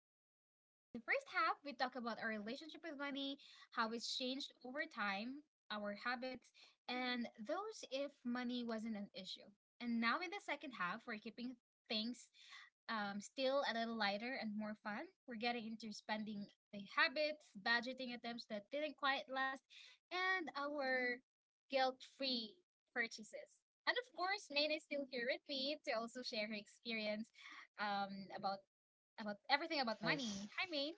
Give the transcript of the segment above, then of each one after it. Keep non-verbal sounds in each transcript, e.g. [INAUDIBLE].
welcome back. In the first half, we talk about our relationship with money, how it's changed over time, our habits, and those if money wasn't an issue. And now in the second half, we're keeping things still a little lighter and more fun. We're getting into spending the habits, budgeting attempts that didn't quite last, and our guilt free purchases. And of course, Maine is still here with me to also share her experience um, about about Yes. everything about money. Hi, Maine.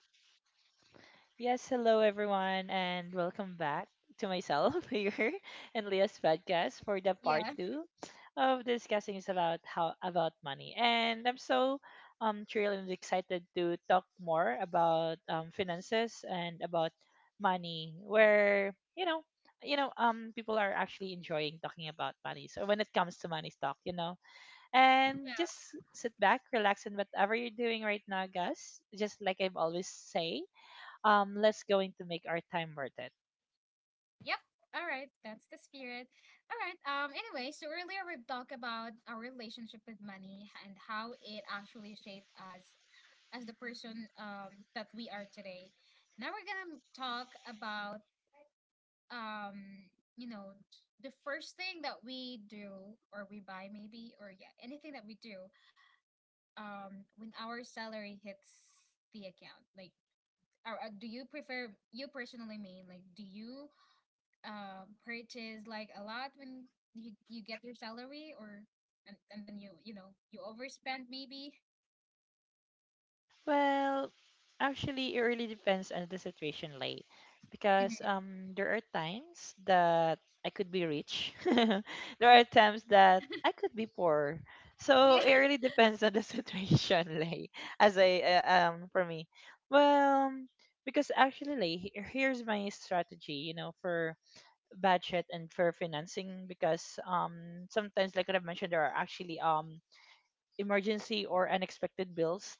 Yes, hello everyone, and welcome back to myself [LAUGHS] here and Leah's podcast for the part Yeah. 2 of discussing is about how about money. And I'm so thrilled and excited to talk more about finances and about money where people are actually enjoying talking about money. So when it comes to money talk, you know, and Yeah. just sit back, relax, and whatever you're doing right now, guys. Just like I've always say, let's going to make our time worth it. Yep. All right. That's the spirit. All right. Anyway, so earlier we've talked about our relationship with money and how it actually shaped us as the person that we are today. Now we're gonna talk about, um you know the first thing that we do or we buy maybe, or yeah, anything that we do when our salary hits the account, like, or do you prefer, you personally, mean like do you purchase like a lot when you get your salary, or and then you overspend maybe? Well, actually, it really depends on the situation, late, because Mm-hmm. There are times that I could be rich, [LAUGHS] there are times that I could be poor. So [LAUGHS] Yeah. it really depends on the [LAUGHS] situation, lay. As I for me, well, because actually, lay, here's my strategy, you know, for budget and for financing because sometimes, like I've mentioned, there are actually emergency or unexpected bills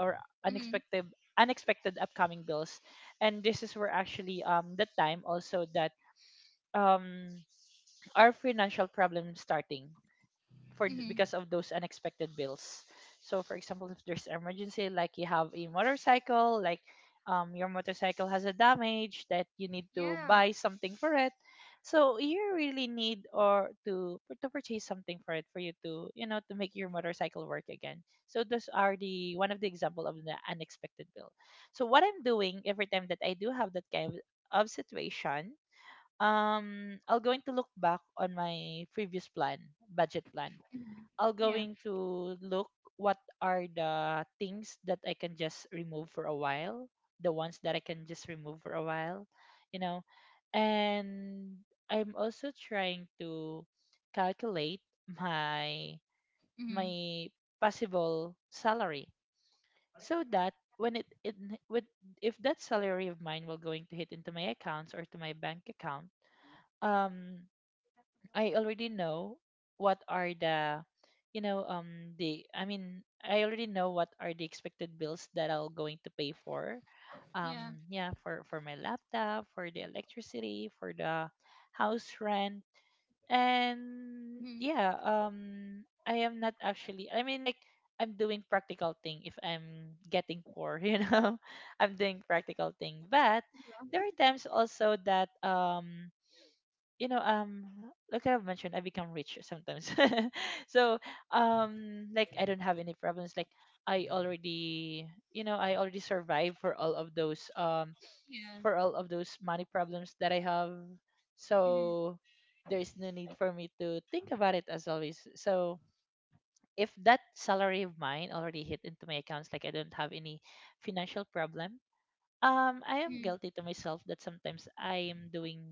or Mm-hmm. unexpected unexpected upcoming bills, and this is where actually the time also that um, our financial problem starting for Mm-hmm. because of those unexpected bills. So for example, if there's emergency, like you have a motorcycle, like your motorcycle has a damage that you need to Yeah. buy something for it. So you really need or to purchase something for it for you to you know to make your motorcycle work again. So those are the one of the example of the unexpected bill. So what I'm doing every time that I do have that kind of situation, I'll going to look back on my previous plan, budget plan, Mm-hmm. I'll Yeah. going to look what are the things that I can just remove for a while, the ones that I can just remove for a while, you know. And I'm also trying to calculate my Mm-hmm. my possible salary so that when it with if that salary of mine will going to hit into my accounts or to my bank account, um I already know what are the I already know what are the expected bills that I'll going to pay for Yeah. Yeah for my laptop, for the electricity, for the house rent, and Mm-hmm. yeah. I am not actually, I mean, like I'm doing practical thing if I'm getting poor. [LAUGHS] You know, I'm doing practical thing, but there are times also that you know um like I've mentioned, I become rich sometimes. [LAUGHS] So like I don't have any problems, like I already, you know, I already survive for all of those Yeah. for all of those money problems that I have. Mm-hmm. So there is no need for me to think about it as always. So if that salary of mine already hit into my accounts, like I don't have any financial problem, I am guilty Mm-hmm. to myself that sometimes I am doing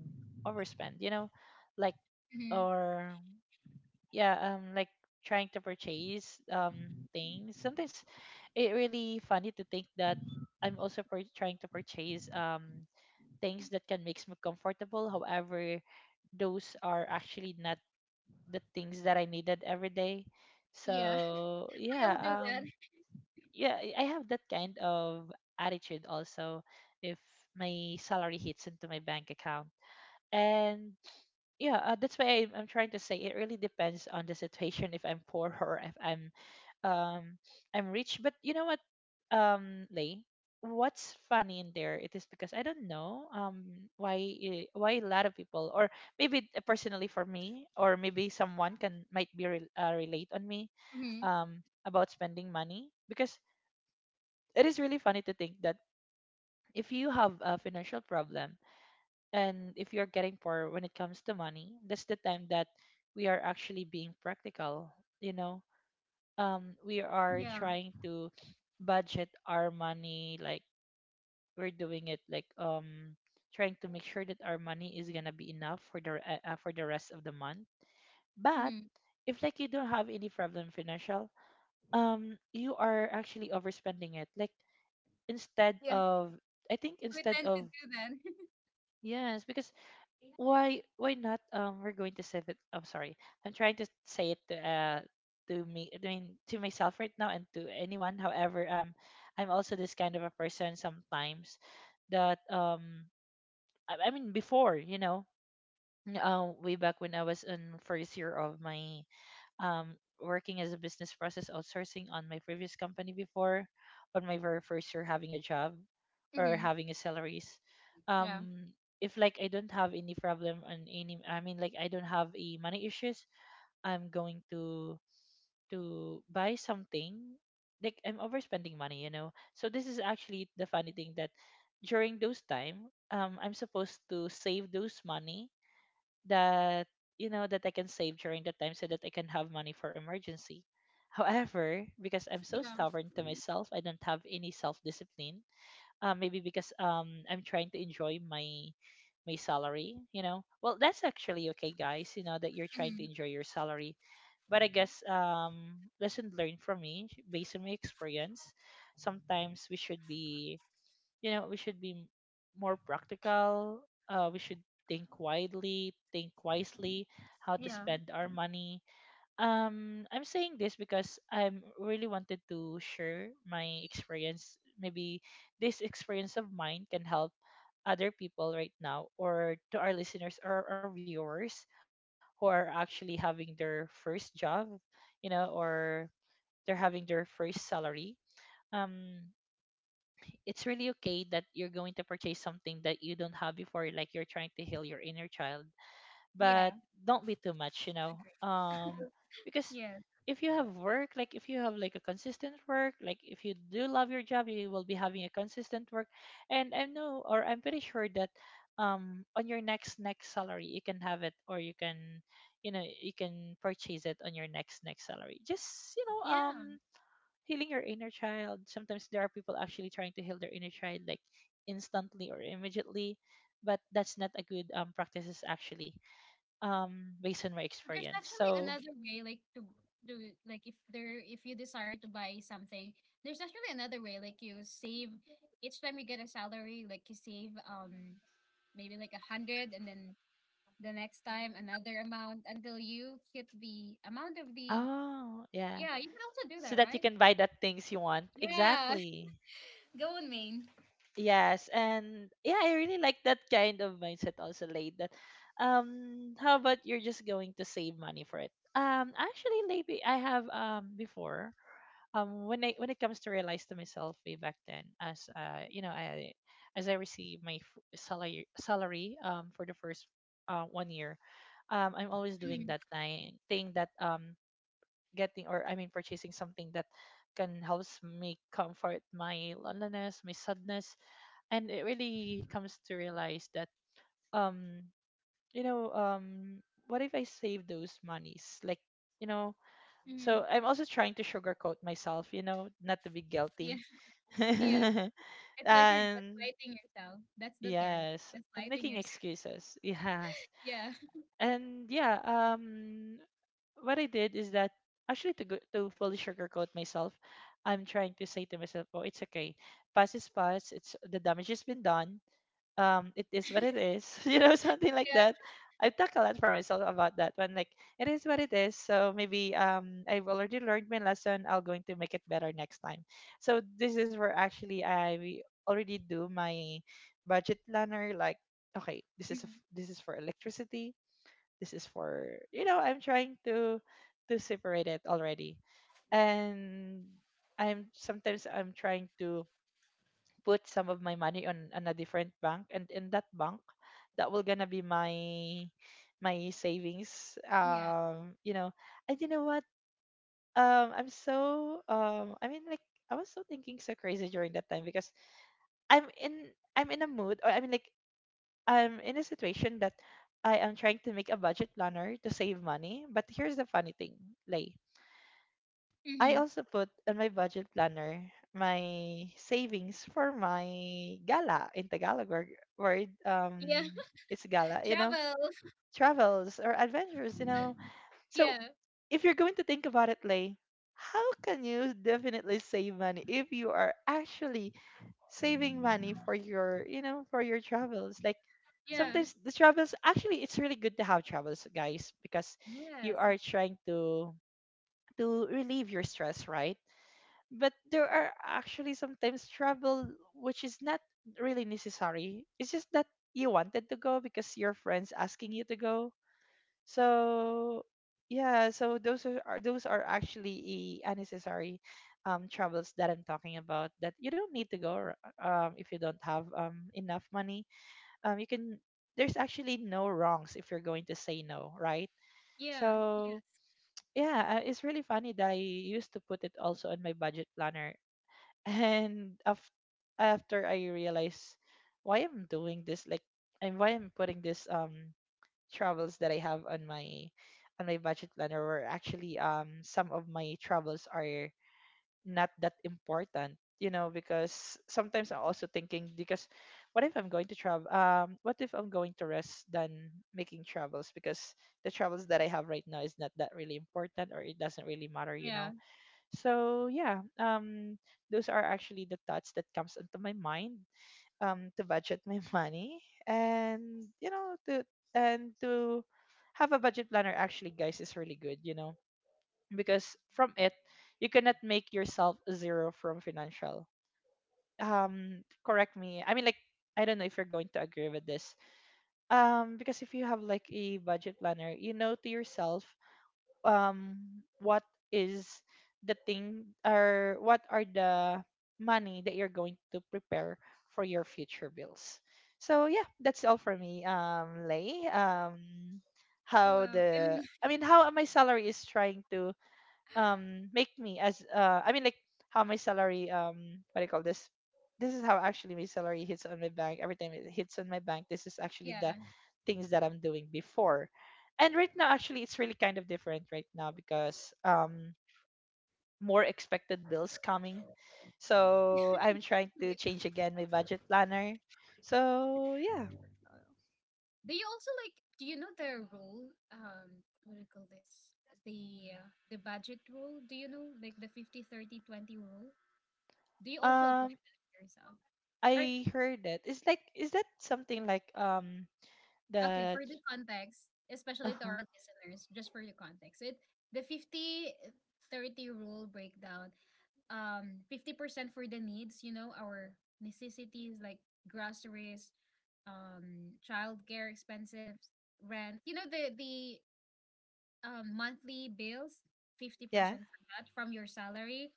overspend, you know, like, Mm-hmm. or yeah. Like trying to purchase things sometimes. It really funny to think that I'm also trying to purchase things that can make me comfortable, however those are actually not the things that I needed every day. Yeah. So [LAUGHS] yeah. I'll do that. Yeah, I have that kind of attitude also if my salary hits into my bank account. And yeah, that's why I'm trying to say it really depends on the situation if I'm poor [LAUGHS] or if I'm um I'm rich. But you know what, lay, what's funny in there, it is because I don't know why why a lot of people, or maybe personally for me, or maybe someone can might be relate on me Mm-hmm. About spending money because it is really funny to think that if you have a financial problem, and if you're getting poor when it comes to money, that's the time that we are actually being practical, you know. We are Yeah. trying to budget our money, like we're doing it like trying to make sure that our money is going to be enough for the for the rest of the month. But Mm-hmm. if like you don't have any problem financial, you are actually overspending it, like instead Yeah, of, i think we instead tend to of do that. Yes, because why not, we're going to save it. I'm sorry, I'm trying to say it to me, I mean to myself right now, and to anyone. However, I'm also this kind of a person sometimes, that I mean before, you know, way back when I was in first year of my working as a business process outsourcing on my previous company before, on my very first year having a job [LAUGHS] or Mm-hmm. having a salaries. Yeah, Um, if like I don't have any problem on any, I mean like I don't have a money issues, I'm going to buy something. Like I'm overspending money, you know. So this is actually the funny thing, that during those time, I'm supposed to save those money that you know that I can save during the time so that I can have money for emergency. However, because I'm so yeah. stubborn to myself, I don't have any self-discipline. Maybe because I'm trying to enjoy my salary, you know. Well, that's actually okay, guys, you know, that you're trying Mm-hmm. to enjoy your salary, but I guess lesson learned from me based on my experience. Sometimes we should be, you know, we should be more practical. We should think widely, think wisely how to Yeah, spend our money. I'm saying this because I'm really wanted to share my experience. Maybe this experience of mine can help other people right now, or to our listeners or our viewers who are actually having their first job, you know, or they're having their first salary. um it's really okay that you're going to purchase something that you don't have before, like you're trying to heal your inner child, but yeah. don't be too much, you know. Agree. um because Yeah, if you have work, like if you have like a consistent work, like if you do love your job, you will be having a consistent work. And I know, or I'm pretty sure that on your next next salary you can have it, or you can, you know, you can purchase it on your next next salary. Just, you know, yeah. Healing your inner child. Sometimes there are people actually trying to heal their inner child, like instantly or immediately, but that's not a good practices actually. Based on my There's experience. actually So, another way, like to do, like if there, if you desire to buy something, there's actually another way, like you save each time you get a salary, like you save maybe like 100, and then the next time another amount until you hit the amount of the— oh yeah, Yeah, you can also do so that, that you right? can buy that things you want. Yeah, Exactly. [LAUGHS] go on, Maine. Yes, and yeah, I really like that kind of mindset also, Late. That how about you're just going to save money for it? Actually, maybe I have before when I when it comes to realize to myself way back then, as you know, I as I receive my salary for the first 1 year, I'm always doing Mhm, that thing that getting, or I mean purchasing something that can helps me comfort my loneliness, my sadness. And it really comes to realize that um you know um what if I save those monies, like, you know. So mhm. I'm also trying to sugarcoat myself, you know, not to be guilty Yeah, [LAUGHS] [LAUGHS] yeah. and It's like you're gaslighting yourself. That's the term, yes, and gaslighting making yourself. [LAUGHS] excuses. [LAUGHS] Yes, Yeah, and yeah, what I did is that actually to go, to fully sugarcoat myself, I'm trying to say to myself, oh, it's okay, past is past, it's the damage has been done, it is what it is. [LAUGHS] You know, something like that. yeah, I've talked a lot for myself about that one, like it is what it is. So maybe I've already learned my lesson, I'll going to make it better next time. So this is where actually I we already do my budget planner, like okay, this is a f mhm, this is for electricity, this is for, you know, I'm trying to separate it already. And I'm sometimes I'm trying to put some of my money on a different bank, and in that bank, that will gonna be my savings, yeah. You know. And you know what, I'm so I mean like I was so thinking so crazy during that time, because i'm in I'm in a mood, or I mean like I'm in a situation that I am trying to make a budget planner to save money. But here's the funny thing, Lay. Mm-hmm. I also put on my budget planner my savings for my gala in Tagalog word. Word, Yeah. It's gala, you know, Travel. travels or adventures, you know. Yeah, So if you're going to think about it, Lay, how can you definitely save money if you are actually saving money for your, for your travels? Like yeah, sometimes the travels, actually, it's really good to have travels, guys, because you yes, are trying to relieve your stress, right? But there are actually sometimes trouble which is not really necessary. It's just that you wanted to go because your friends asking you to go. So yeah, so those are actually a unnecessary troubles that I'm talking about that you don't need to go if you don't have enough money. You can there's actually no wrongs if you're going to say no, right? So yeah, yeah, yeah, it's really funny that I used to put it also on my budget planner [LAUGHS] and af- after I realize why I'm doing this, like, and why I'm putting this travels that I have on my budget planner, where actually some of my travels are not that important, you know, because sometimes I'm also thinking because what if I'm going to travel? What if I'm going to rest than making travels because the travels that I have right now is not that really important or it doesn't really matter, you know. yeah. So yeah, those are actually the thoughts that comes into my mind to budget my [LAUGHS] money and to have a budget planner actually guys is really good, you know, because from it you cannot make yourself a zero from financial correct me. I don't know if you're going to agree with this because if you have like a budget planner, you know, to yourself um what is the thing or what are the money that you're going to prepare for your future bills. So yeah, that's all for me. Lay, how Wow. I the mean, I mean how my salary is trying to make me as how my salary what do you call this? This is how actually my salary hits on my bank. Every time it hits on my bank, this is [LAUGHS] actually yeah, the things that I'm doing before. And right now actually it's really kind of different right now because more expected bills coming. So I'm trying to yeah. change again my budget planner. So yeah. Do you also, like, do you know the rule? What do you call this? The the budget rule. Do you know, like, the 50/30/20 rule? Do you also apply Um that to yourself? Or, I heard that. It's like is that something like okay, the for the context, especially to uh-huh. our listeners, just for the context, it, the 50/30 rule breakdown, 50% for the needs, you know, our necessities like groceries, childcare expenses, rent, the monthly bills, Yeah. 50% for that from your salary,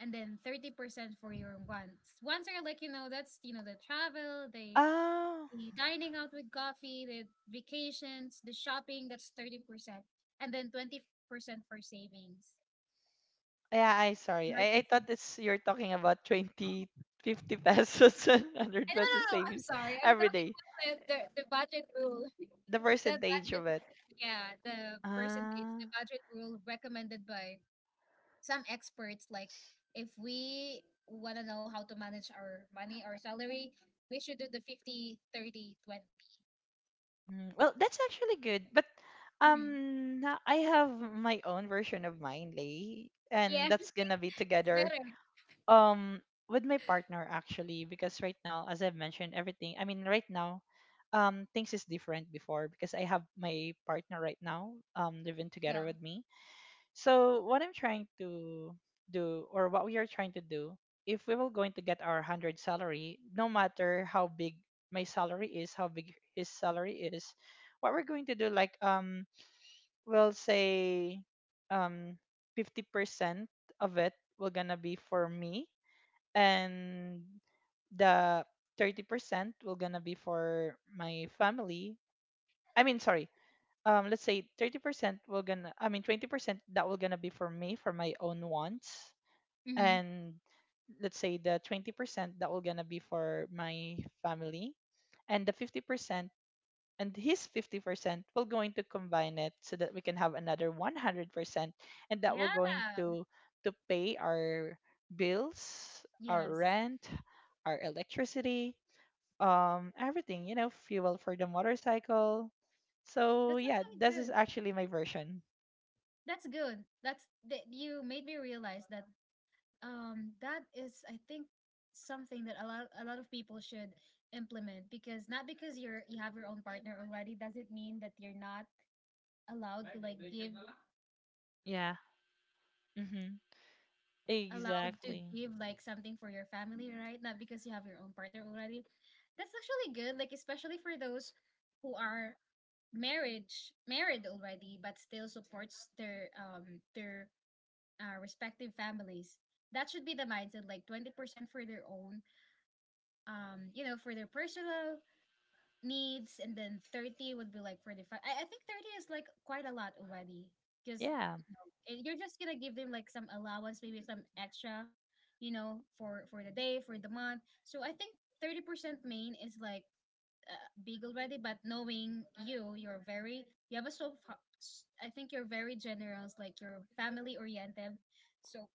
and then 30% for your wants. Wants are like, that's, the travel, the Oh. the dining out with coffee, the vacations, the shopping, that's 30%. And then 20% for savings, Yeah, I sorry. I thought emergency. it's you're talking about 20 50 [LAUGHS] pesos and I 100 No, no, pesos no. I'm savings sorry. I'm every talking day. about the, budget rule. [LAUGHS] The The percentage budget, of it. yeah, the percentage, Ah, the budget rule recommended by some experts. Like, if we want to know how to manage our money, our salary, we should do the 50, 30, 20. mm, well, that's actually good. But Mm-hmm. I have my own version of mine, Lay, Yeah, and that's it's gonna be together better. um with my partner actually because right now, as I've mentioned, everything. I mean, right now, things is different before because I have my partner right now living Yeah. together with me. So what I'm trying to do, or what we are trying to do, if we were going to get our hundred salary, no matter how big my salary is, how big his salary is, what we're going to do, we'll say um, 50% of it will gonna be for me, and the 30% will gonna be for my family. I mean, sorry, let's say 30% will gonna i mean 20% that will gonna be for me for my own wants Mm-hmm. and let's say the 20% that will gonna be for my family and the 50% and his 50% will going to combine it so that we can have another 100% and that will going Yeah. to to pay our bills, our Yes. rent, our electricity, everything, you know, fuel for the motorcycle. So That's yeah, actually this is good. actually my version. That's good. That's— that you made me realize that that is, I think, something that a lot of people should implement, because not because you have your own partner already doesn't mean that you're not allowed to like give Yeah. Mhm. allowed to Exactly. give, like, something for your family, right? Not because you have your own partner already. That's actually good, like especially for those who are marriage married already but still supports their respective families. That should be the mindset, like 20% for their own, for their personal needs, and then 30 would be like for the I think 30 is like quite a lot already, because, Yeah. You're just gonna give them like some allowance, maybe some extra, for the day, for the month. So I think 30%, main is like, big already, but knowing you, you're very— you have a so I think you're very generous, like you're family oriented so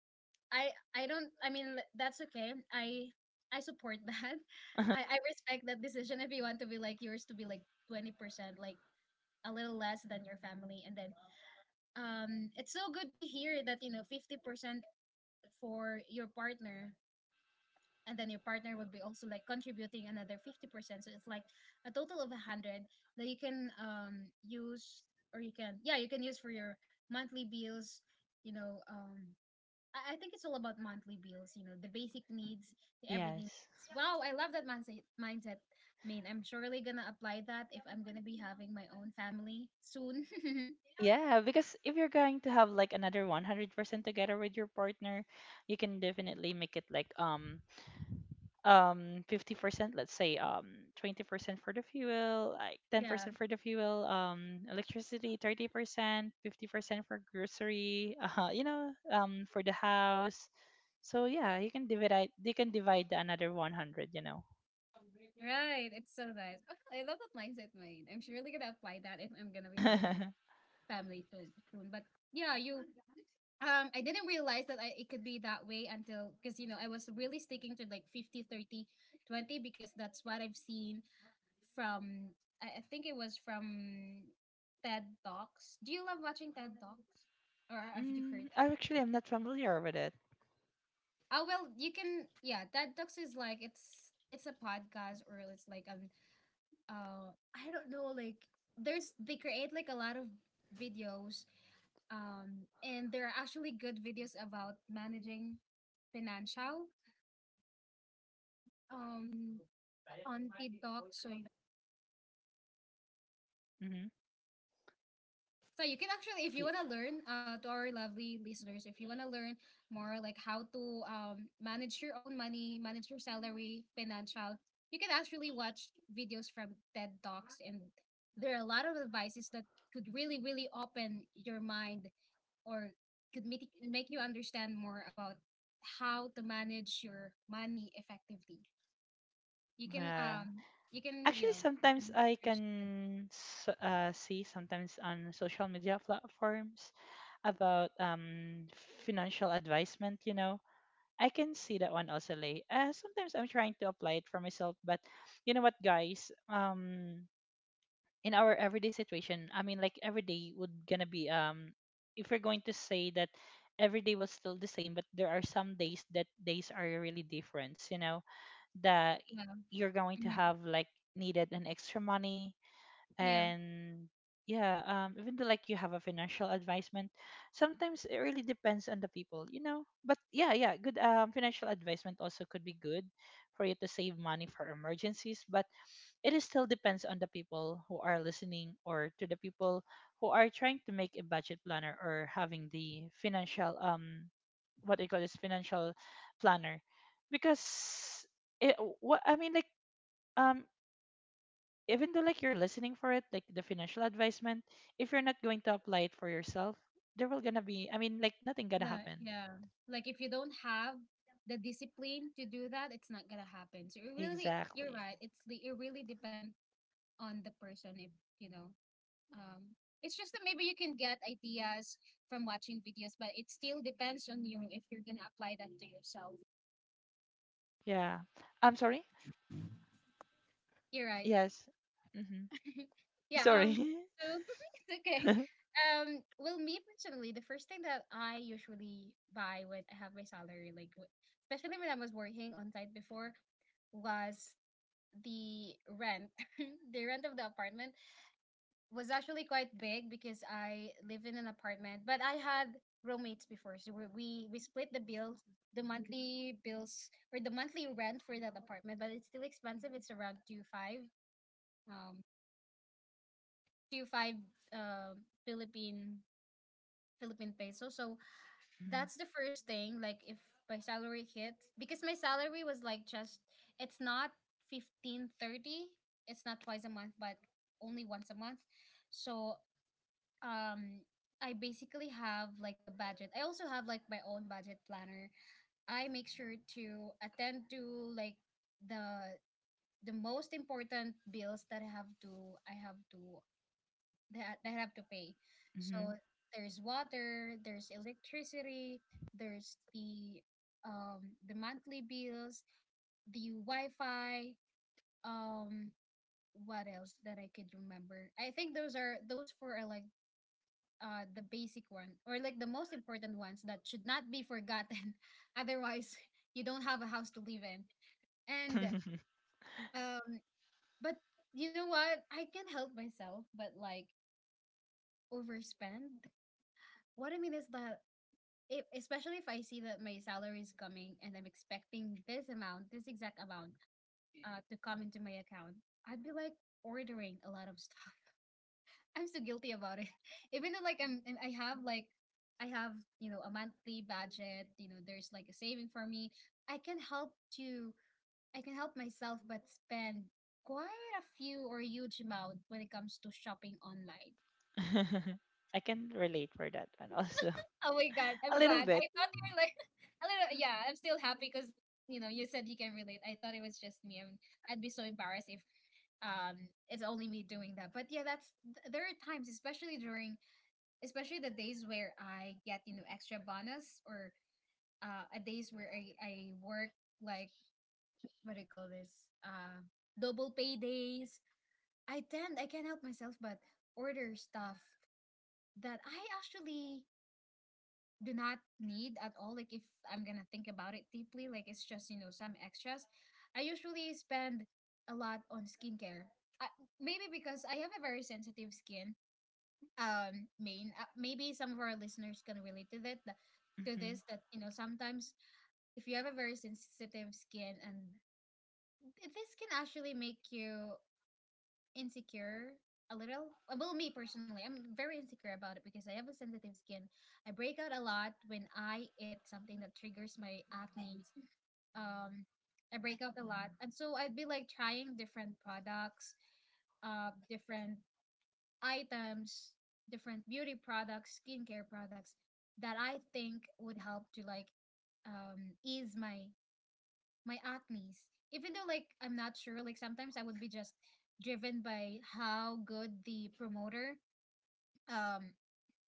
I I don't— I mean, that's okay. I support that. [LAUGHS] I respect that decision if you want to be, like, yours to be like 20%, like a little less than your family. And then it's so good to hear that, you know, 50% for your partner, and then your partner would be also, like, contributing another 50%, so it's like a total of 100 that you can use, or you can, yeah, you can use for your monthly bills, you know um I think it's all about monthly bills, you know, the basic needs, the everything Yes. needs. Wow, I love that mindset. I mean, I'm surely gonna apply that if I'm gonna be having my own family soon. Yeah, because if you're going to have like another 100% together with your partner, you can definitely make it like 50%, let's say 20% for the fuel, like [LAUGHS] Yeah. 10% for the fuel, electricity 30% 50% for grocery [LAUGHS] you know for the house. So yeah, you can divide the another 100, you know. Right. It's so nice. [LAUGHS] I love that mindset, Maine. I'm surely gonna apply that if I'm gonna be having my [LAUGHS] family soon. But yeah, you— I didn't realize that it could be that way until, because, I was really sticking to like 50, 30, 20, because that's what I've seen from I think it was from TED Talks. Do you love watching TED Talks? Or have you heard Mm, that? I actually am not familiar with it. Oh well, you can yeah, TED Talks is like, it's a podcast, or it's like an, I don't know, like, there's they create like a lot of videos, and there are actually good videos about managing financial, Mm-hmm. um on TED Talks. so Mm-hmm. So you can actually, if you wanna learn, to our lovely listeners, if you wanna learn more, like how to manage your own money, manage your salary, financial, you can actually watch videos from TED Talks, and there are a lot of advices that could really, really open your mind, or could make you understand more about how to manage your money effectively. You can Yeah. You can you Actually, know you sometimes can, I search. can see sometimes on social media platforms about financial advisement, you know. I can see that one also, Lay. Sometimes I'm trying to apply it for myself, but you know what, guys? In our everyday situation, every day would gonna be if we're going to say that every day was still the same, but there are some days that days are really different, you know, that Yeah. you're going to Mhm, have like needed an extra money. yeah. And yeah, even though like you have a financial advisement, sometimes it really depends on the people, you know, but yeah, good financial advisement also could be good for you to save money for emergencies, but it is still depends on the people who are listening or to the people who are trying to make a budget planner or having the financial what they call this financial planner because it what I mean like um even though like you're listening for it like the financial advisement, if you're not going to apply it for yourself, there will gonna be, nothing gonna The happen. Yeah, like, if you don't have the discipline to do that, it's not gonna happen. So it really— you're Exactly. right. It really depends on the person. If you know, It's just that maybe you can get ideas from watching videos, but it still depends on you if you're gonna apply that to yourself. Yeah, I'm sorry. You're right. Yes. Mm-hmm. [LAUGHS] Yeah. Sorry. So, [LAUGHS] it's okay. [LAUGHS] Well, me personally, the first thing that I usually buy when I have my salary, like especially when I was working on site before, was the rent. [LAUGHS] The rent of the apartment was actually quite big because I live in an apartment, but I had roommates before, so we split the bills, the monthly bills, or the monthly rent for that apartment. But it's still expensive. It's around 2 5, um 2 5, um, Philippine Philippine peso. So that's the first thing, like if my salary hits, because my salary was like just— it's not 15/30. It's not twice a month, but only once a month. So um I basically have like a budget. I also have like my own budget planner. I make sure to attend to, like, the the most important bills that I have to they ha- they have to pay. Mm-hmm. So there's water, there's electricity, there's the monthly bills, the Wi-Fi, um what else that I could remember? I think those four are like, the basic one, or like the most important ones that should not be forgotten. [LAUGHS] Otherwise, you don't have a house to live in. And [LAUGHS] um but you know what? I can't help myself but, like, overspend. What I mean is that if, especially if, I see that my salary is coming and I'm expecting this amount, this exact amount, to come into my account, I'd be like ordering a lot of stuff. [LAUGHS] I'm so guilty about it. [LAUGHS] Even though, like, I have, you know, a monthly budget. You know, there's like a saving for me. I can help to I can help myself but spend quite a few or huge amount when it comes to shopping online. [LAUGHS] I can relate for that one also. Oh my god, [LAUGHS] A I'm little glad. I bit. thought you were like— [LAUGHS] a little. Yeah, I'm still happy because, you said you can relate. I thought it was just me, and I'd be so embarrassed if it's only me doing that. But yeah, that's there are times, especially during— especially the days where I get, extra bonus, or a days where I work, like, what do you call this, uh double pay days. I can't help myself but order stuff that I actually do not need at all. Like if I'm gonna think about it deeply, like it's just some extras. I usually spend a lot on skincare. I, Maybe because I have a very sensitive skin. Main Maybe some of our listeners can relate to to Hmm. this that you know sometimes if you have a very sensitive skin and this can actually make you insecure a little. Well, me personally, I'm very insecure about it because I have a sensitive skin. I break out a lot when I eat something that triggers my acne. Um, I break out a lot, and so I'd be like trying different products, different items, different beauty products, skincare products that I think would help to like ease my acne's. Even though like I'm not sure, like sometimes I would be just driven by how good the promoter um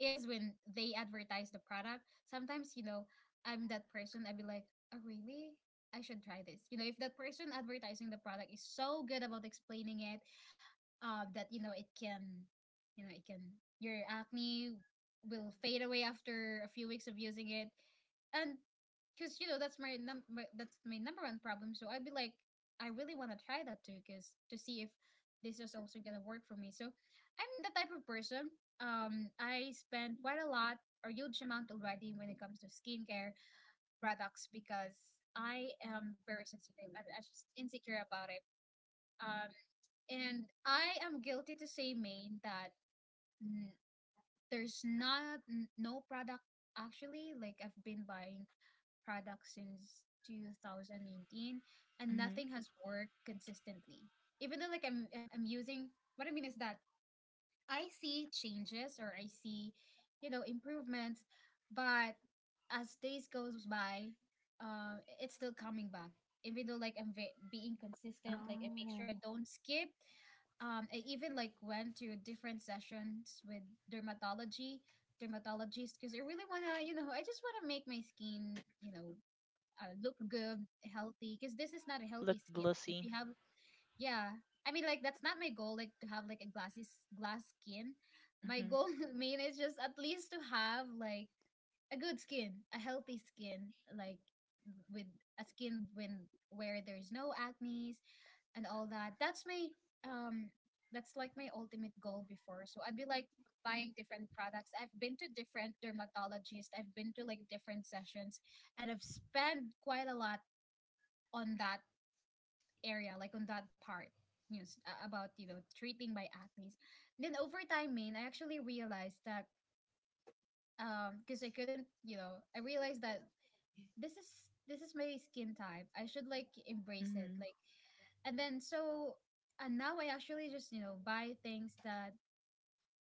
is when they advertise the product. Sometimes, you know, I'm that person, I'd be like, oh really? I should try this. You know, if that person advertising the product is so good about explaining it, that you know it can your acne will fade away after a few weeks of using it. And because you know that's my, that's my number one problem, so I'd be like I really want to try that too because to see if this is also gonna work for me. So I'm the type of person, I spend quite a lot or huge amount already when it comes to skincare products because I am very sensitive. I'm just insecure about it. um and I am guilty to say, Maine, that mm, there's not n- no product actually. Like I've been buying products since 2019, and Hmm. nothing has worked consistently. Even though like I'm using. What I mean is that I see changes or I see, you know, improvements, but as days goes by, it's still coming back. Even though like being consistent, like I make Oh, sure I don't skip. I even like went to different sessions with dermatology, dermatologists, because I really wanna, you know, I just wanna make my skin, you know, look good, healthy. Because this is not a look healthy skin. Like if glossy. you have, yeah, I mean, like that's not my goal. Like to have like a glass skin. My Hmm. goal, [LAUGHS] I mean, is just at least to have like a good skin, a healthy skin, like with a skin when where there's no acne, and all that. That's my um that's like my ultimate goal before. So I'd be like buying different products. I've been to different dermatologists. I've been to like different sessions, and I've spent quite a lot on that area, like on that part. You know, about treating my acne. Then over time, main, I actually realized that because I couldn't, you know, I realized that this is this is my skin type. I should like embrace it. Hmm. Like and then so and now I actually just you know buy things that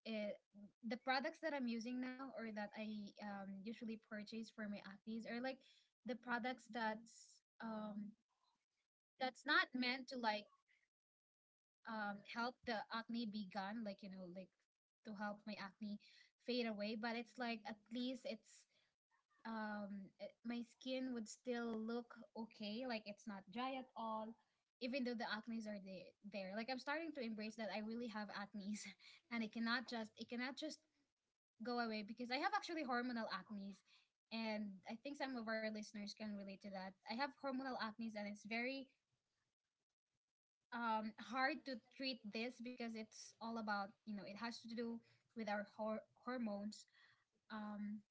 it, the products that I'm using now or that I usually purchase for my actives are like the products that's not meant to like help the acne be gone, like you know, like to help my acne fade away, but it's like at least it's my skin would still look okay, like it's not dry at all even though the there, like I'm starting to embrace that I really have acne's. [LAUGHS] And it cannot just go away because I have actually hormonal acne's. And I think some of our listeners can relate to that. I have hormonal acne's, and it's very hard to treat this because it's all about you know it has to do with our hormones. um,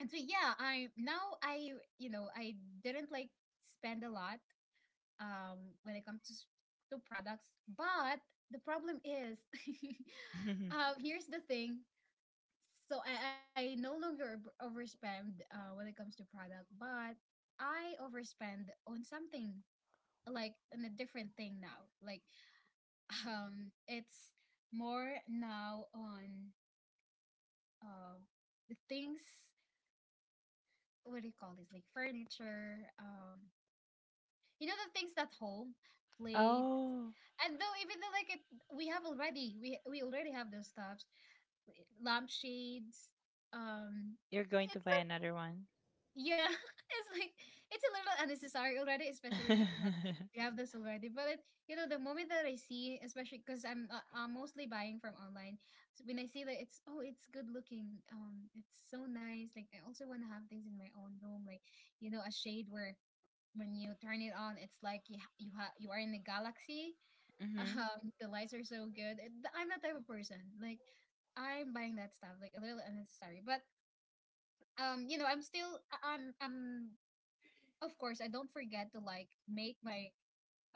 and so yeah, I now I you know I didn't like spend a lot when it comes to, to products. But the problem is, [LAUGHS] [LAUGHS] here's the thing. So I no longer overspend when it comes to product, but I overspend on something like on a different thing now. Like [LAUGHS] it's more now on uh the things, what do you call this, like furniture. You know, the things that hold plates. Oh, And though even though like we have already we already have those stuffs, eh, lampshades. Um, you're going to it's buy like another one. yeah, [LAUGHS] it's like it's a little unnecessary already, especially that [LAUGHS] we have this already. But you know the moment that I see, especially because I'm mostly buying from online, so when I see that it's oh it's good looking, it's so nice. Like I also want to have things in my own room, like you know a shade where when you turn it on, it's like you are in a galaxy. [LAUGHS] Hmm. The lights are so good. I'm that type of person. Like, I'm buying that stuff. Like a little unnecessary, but you know, I'm still I'm of course I don't forget to like make my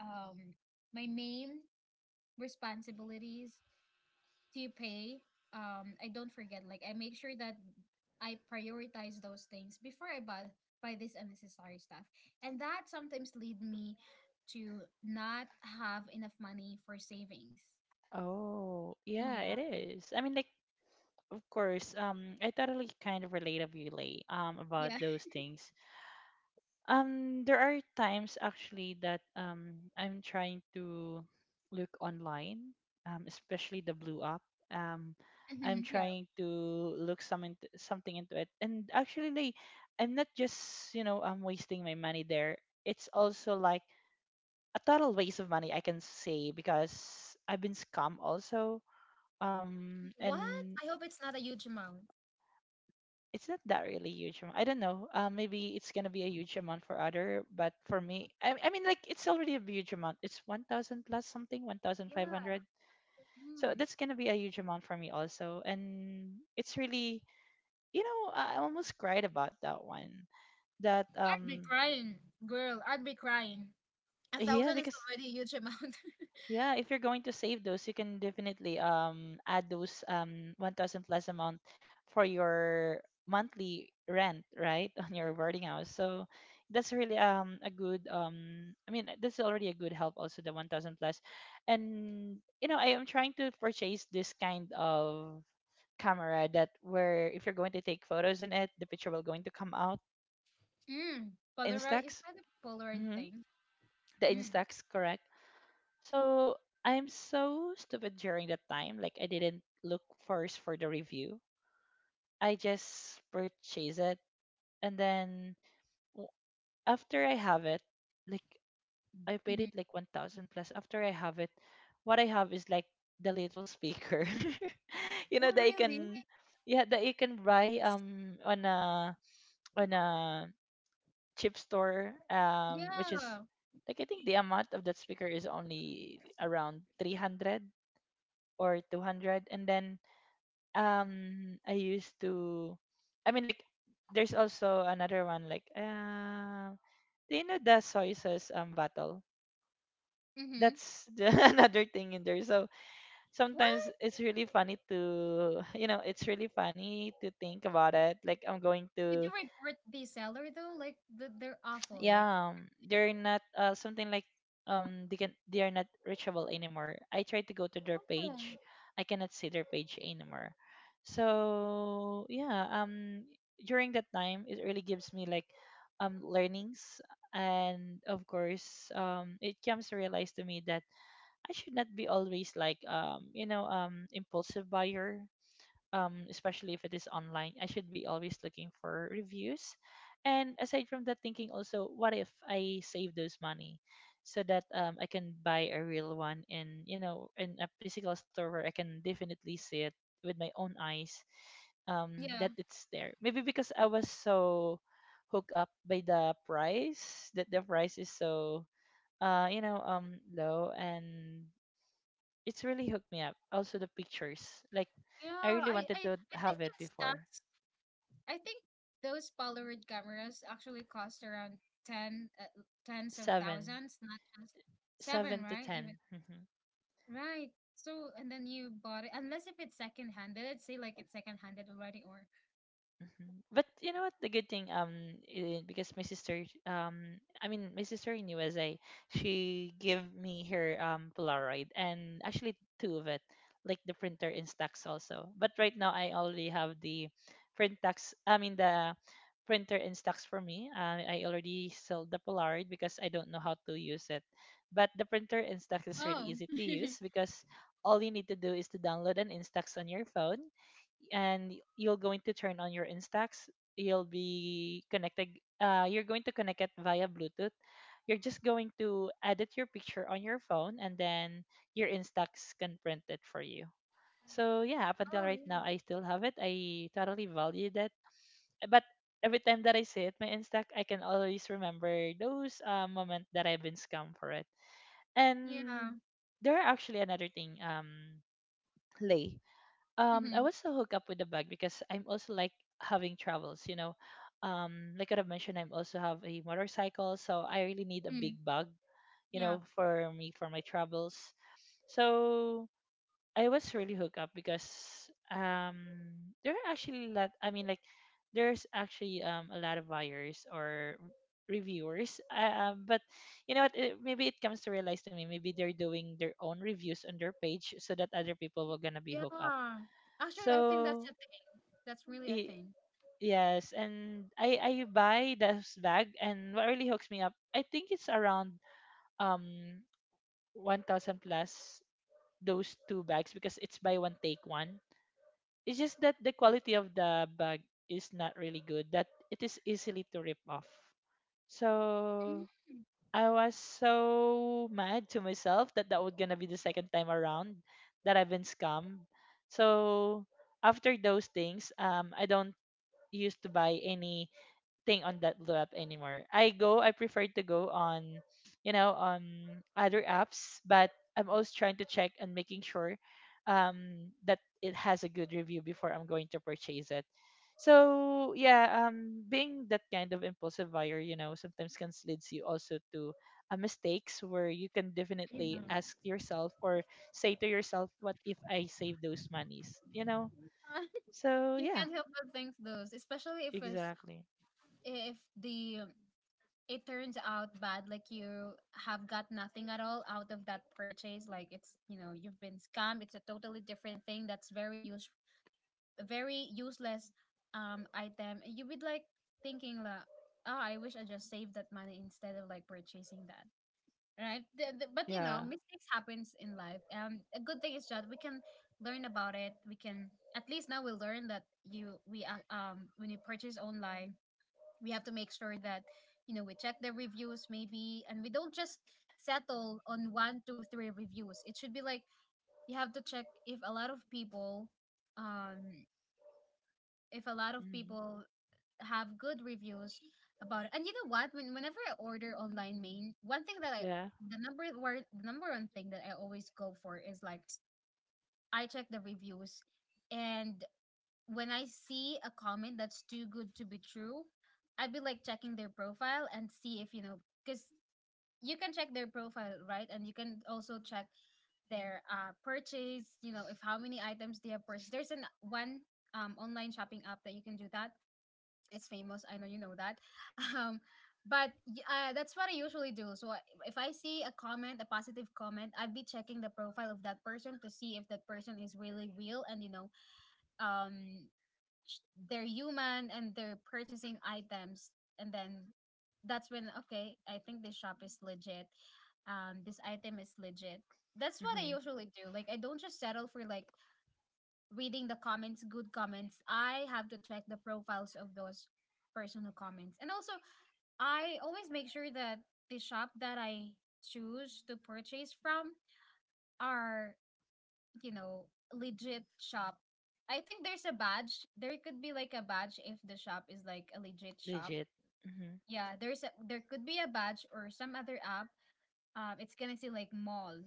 um my main responsibilities to pay, I don't forget. Like I make sure that I prioritize those things before I buy buy this unnecessary stuff, and that sometimes lead me to not have enough money for savings. Oh, yeah, Yeah, it is. I mean, like, of course, I totally kind of relate of you, Lay, about yeah, those things. There are times actually that I'm trying to look online, especially the blue app. [LAUGHS] Mhm, I'm yeah. trying to look something into it, and actually, like, I'm not just, you know, I'm wasting my money there. It's also like a total waste of money, I can say, because I've been scammed also. What? And I hope it's not a huge amount. it's not that really huge amount. I don't know. Maybe it's gonna be a huge amount for other, but for me, it's already a huge amount. It's 1,000 plus something, one thousand five Yeah. hundred. So Mm. that's gonna be a huge amount for me also, and it's really, you know, I almost cried about that one. That I'd be crying, girl. I'd be crying. A yeah, thousand is because already a huge amount. [LAUGHS] yeah, if you're going to save those, you can definitely add those 1000 plus amount for your monthly rent, right? [LAUGHS] On your boarding house. So that's really a good that's already a good help also the 1000 plus. And you know, I am trying to purchase this kind of camera that where if you're going to take photos in it, the picture will going to come out. Mm. Polaroid, is Instax. that a Polaroid Mm-hmm. thing? The Mm. Instax, correct? So I'm so stupid during that time. Like I didn't look first for the review. I just purchased it, and then w- after I have it, like I paid Mm-hmm. it like 1,000 plus. After I have it, what I have is like the little speaker, [LAUGHS] you Oh, know that you really? can, yeah, that you can buy It's, on a what? chip store which is Yeah. like, I think the amount of that speaker is only around 300 or 200. And then I used to I mean like there's also another one, do you know the soy sauce battle? Mm-hmm. That's the, [LAUGHS] another thing in there. So sometimes What? it's really funny to [LAUGHS] you know, it's really funny to think about it, like I'm going Did you to report the seller though? Like the, they're awful. Like yeah, they're not, something like they can, they are not reachable anymore. I tried to go to their oh page, I cannot see their page anymore. So yeah, during that time it really gives me like learnings. And of course, it comes to realize to me that I should not be always like, impulsive buyer, especially if it is online, I should be always looking for reviews. And aside from that, thinking also, what if I save those money so that I can buy a real one in, you know, in a physical store where I can definitely see it with my own eyes, that yeah it's there. Maybe because I was so hooked up by the price that the price is so low, and it's really hooked me up. Also the pictures. Like I yeah. really I I wanted to I think have in it before. stocks. I think those Polaroid cameras actually cost around ten tens of Seven. thousands, not just seven, Seven to right? Even ten. Hmm. right. So and then you bought it unless if it's second handed. Let's say like it's second handed already or Mhm. But you know what? The good thing, because my sister, my sister in USA, she gave me her Polaroid and actually two of it, like the printer and stacks also. But right now, I already have the print tax. I mean the printer and stacks for me. I already sold the Polaroid because I don't know how to use it. But the printer and stacks is really oh easy to [LAUGHS] use because all you need to do is to download an Instax on your phone and you're going to turn on your Instax. You'll be connected. You're going to connect it via Bluetooth. You're just going to edit your picture on your phone, and then your Instax can print it for you. So yeah, up until oh right yeah now, I still have it. I totally value that. But every time that I see it, my Instax, I can always remember those moments that I've been scammed for it. yeah And there are actually another thing, Lay. I mm-hmm, would still hook up with the bag because I'm also like having travels. Like I've mentioned, I'm also have a motorcycle, so I really need a big mm, bag, you yeah. know, for me for my travels. So I was really hooked up because there are actually a lot there's actually a lot of buyers or reviewers but you know what it, maybe it comes to realize to me maybe they're doing their own reviews on their page so that other people were gonna be hooked up Yeah. Actually, I think that's so a thing. That's really a y- thing. yes, and I buy this bag, and what really hooks me up, I think it's around um 1,000 plus those two bags because it's buy one take one. It's just that the quality of the bag is not really good. That it is easily to rip off. So Mm. I was so mad to myself that that was gonna be the second time around that I've been scammed. So after those things, I don't used to buy anything on that blue app anymore. I prefer to go on, you know, on other apps, but I'm always trying to check and making sure that it has a good review before I'm going to purchase it. So yeah, being that kind of impulsive buyer, you know, sometimes can leads you also to mistakes where you can Yeah. definitely ask yourself or say to yourself, "What if I save those monies?" You know. [LAUGHS] So You yeah, can't help but think those, especially if it's exactly. if the it turns out bad, like you have got nothing at all out of that purchase. Like it's you know you've been scammed. It's a totally different thing. That's very use very useless item. You would like thinking like, oh, I wish I just saved that money instead of like purchasing that. Right? But you know, Yeah. mistakes happens in life. A good thing is that we can learn about it. We can at least now we learn that you we when you purchase online, we have to make sure that you know we check the reviews maybe, and we don't just settle on one, two, three reviews. It should be like you have to check if a lot of people, um, if a lot of Hmm. people have good reviews about it. And you know what? Whenever I order online, main, one thing that I Yeah. the number word the number one thing that I always go for is like I check the reviews. And when I see a comment that's too good to be true, I'd be like checking their profile and see if you know because you can check their profile, right? And you can also check their purchase, you know, if how many items they have purchased. There's an one online shopping app that you can do that. It's famous. I know you know that. [LAUGHS] Um, but that's what I usually do. So if I see a comment, a positive comment, I'd be checking the profile of that person to see if that person is really real and you know, um, ch- they're human and they're purchasing items. And then that's when okay, I think this shop is legit. This item is legit. That's what I Hmm. usually do. Like I don't just settle for like reading the comments, good comments. I have to check the profiles of those person who comments. And also, I always make sure that the shop that I choose to purchase from are, you know, legit shop. I think there's a badge. There could be like a badge if the shop is like a legit shop. Legit. Hmm. Yeah, there's a, there could be a badge or some other app. It's gonna say like mall,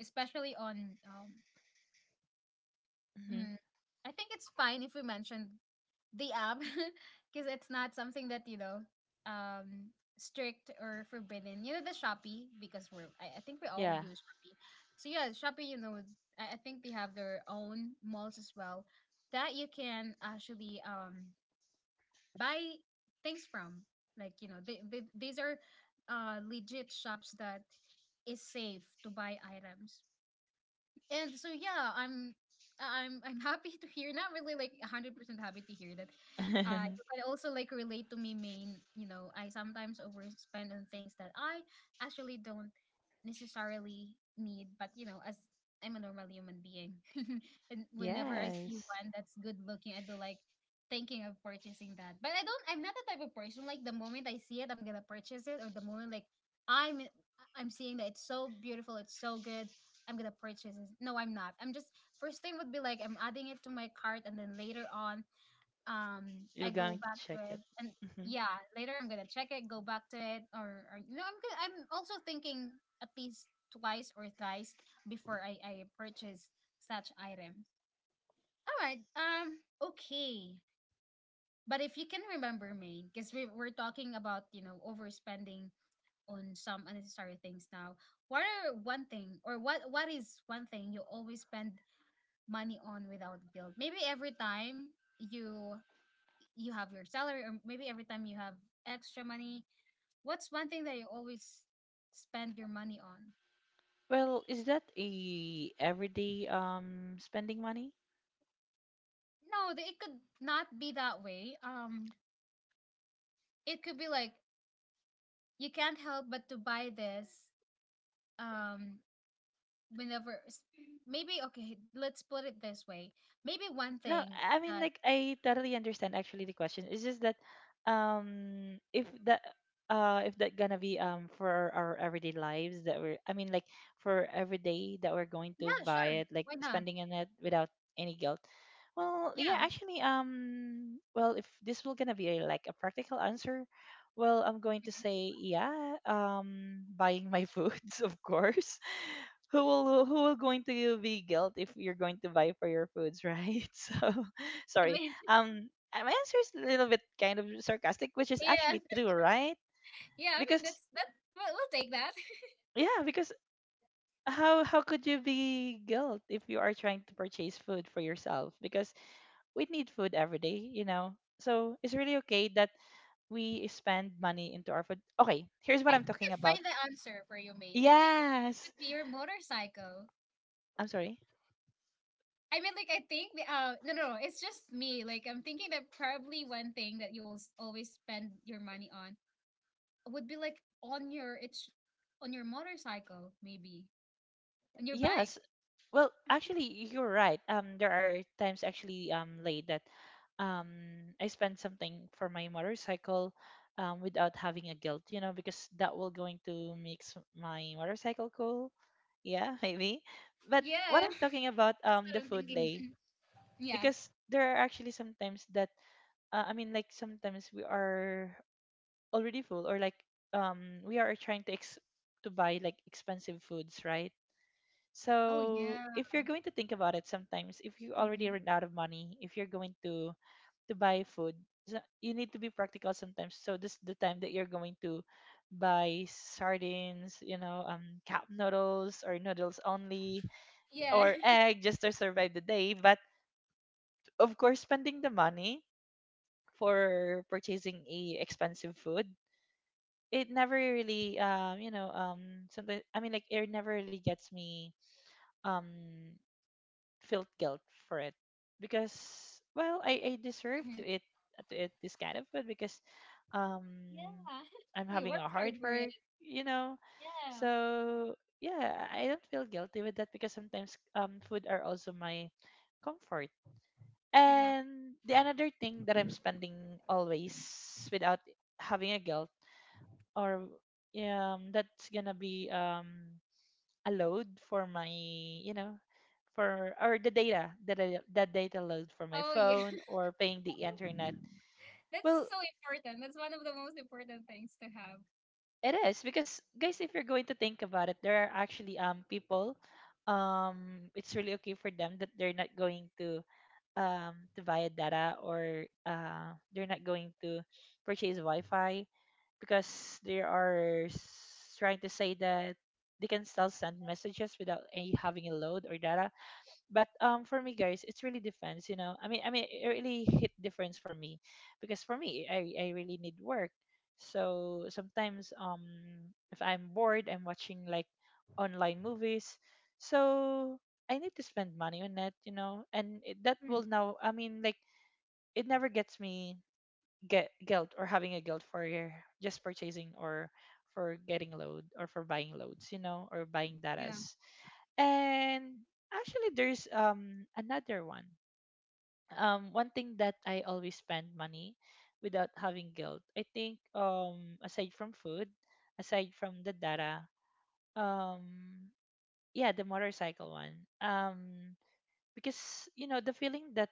especially on Hmm. mm, I think it's fine if we mention the app [LAUGHS] because it's not something that um strict or forbidden, the Shopee, because I think we all Yeah. use Shopee, so yeah, Shopee. I think they have their own malls as well that you can actually buy things from. Like these are legit shops that is safe to buy items. And so yeah, I'm happy to hear, not really like 100% happy to hear that. You [LAUGHS] can also like relate to me, main. You know, I sometimes overspend on things that I actually don't necessarily need, but as I'm a normal human being, [LAUGHS] and whenever I see Yes. one that's good looking, I'd be like thinking of purchasing that. But I don't. I'm not the type of person like the moment I see it, I'm gonna purchase it, or the moment like I'm I'm seeing that it's so beautiful, it's so good. I'm gonna purchase this. No, I'm not. I'm just, first thing would be like I'm adding it to my cart, and then later on, You're I go going to back check to it, it. and Hmm. yeah, later I'm gonna check it, go back to it, or, I'm also thinking at least twice or thrice before I purchase such items. All right. Okay. But if you can remember, Maine, because we're talking about overspending on some unnecessary things now. What are one thing, or what is one thing you always spend money on without guilt? Maybe every time you have your salary, or maybe every time you have extra money, what's one thing that you always spend your money on? Well, is that a everyday spending money? No, it could not be that way. It could be like you can't help but to buy this um whenever s- maybe, okay, let's put it this way. Maybe one No, thing I mean that, like I totally understand actually the question. It's just that if that if that gonna be for our everyday lives that we're I mean like for every day that we're going to yeah, buy sure. it, like Why not? spending on it without any guilt. Well, yeah, Yeah. actually well if this will gonna be a, like a practical answer, well I'm going to say yeah, buying my foods [LAUGHS] of course who will going to be guilt if you're going to buy for your foods, right? [LAUGHS] So I sorry. mean, Um my answer is a little bit kind of sarcastic, which [LAUGHS] is yeah. actually true, right? Yeah, I mean Because that's that, we'll take that. yeah, because how could you be guilt if you are trying to purchase food for yourself? Because we need food every day, you know. So it's really okay that we spend money into our food. Okay, here's what I I'm think talking I about. find the answer for you, Maine. I think it Yes. could be your motorcycle. I'm sorry. I mean, like, I think, no, no, no, it's just me. Like, I'm thinking that probably one thing that you will always spend your money on would be like on your, it's on your motorcycle, maybe, on your bike. Yes, well, actually, you're right. There are times actually late that um I spend something for my motorcycle without having a guilt, you know, because that will going to make my motorcycle cool. Yeah, [LAUGHS] maybe. But Yeah, what I'm talking about [LAUGHS] that's the what I'm food thinking. lay [LAUGHS] Yeah. because there are actually sometimes that I mean like sometimes we are already full or like we are trying to ex to buy like expensive foods, right? Oh, So yeah. if you're going to think about it, sometimes if you already Mhm. run out of money, if you're going to buy food, so you need to be practical sometimes. So this the time that you're going to buy sardines, you know, cup noodles or noodles only, Yeah. or [LAUGHS] egg just to survive the day. But of course, spending the money for purchasing a expensive food, it never really, you know, something. I mean, like it never really gets me. Um, Felt guilt for it because well I deserve to Mhm. eat this kind of food because um Yeah. [LAUGHS] I'm We having a worked hard hard for it. work, you know, Yeah. so yeah I don't feel guilty with that because sometimes food are also my comfort Exactly. and the another thing that I'm spending always without having a guilt or yeah, that's gonna be a load for my, you know, for or the data that that data load for my Oh, yeah. phone [LAUGHS] or paying the internet. That's Well so important. That's one of the most important things to it is because guys if you're going to think about it there are actually people it's really okay for them that they're not going to buy a data or they're not going to purchase wi-fi because they are trying to say that they can still send messages without any having a load or data but for me guys it's really depends, you know, I mean it really hit difference for me because for me I really need work. So sometimes if I'm bored I'm watching like online movies so I need to spend money on that, you know, and it, that have. will now I mean like it never gets me get guilt or having a guilt for just purchasing or for getting load or for buying loads, you know, or buying Yeah, datas. And actually, there's another one. One thing that I always spend money without having guilt. I think aside from food, aside from the data, um yeah, the motorcycle one. Because you know the feeling that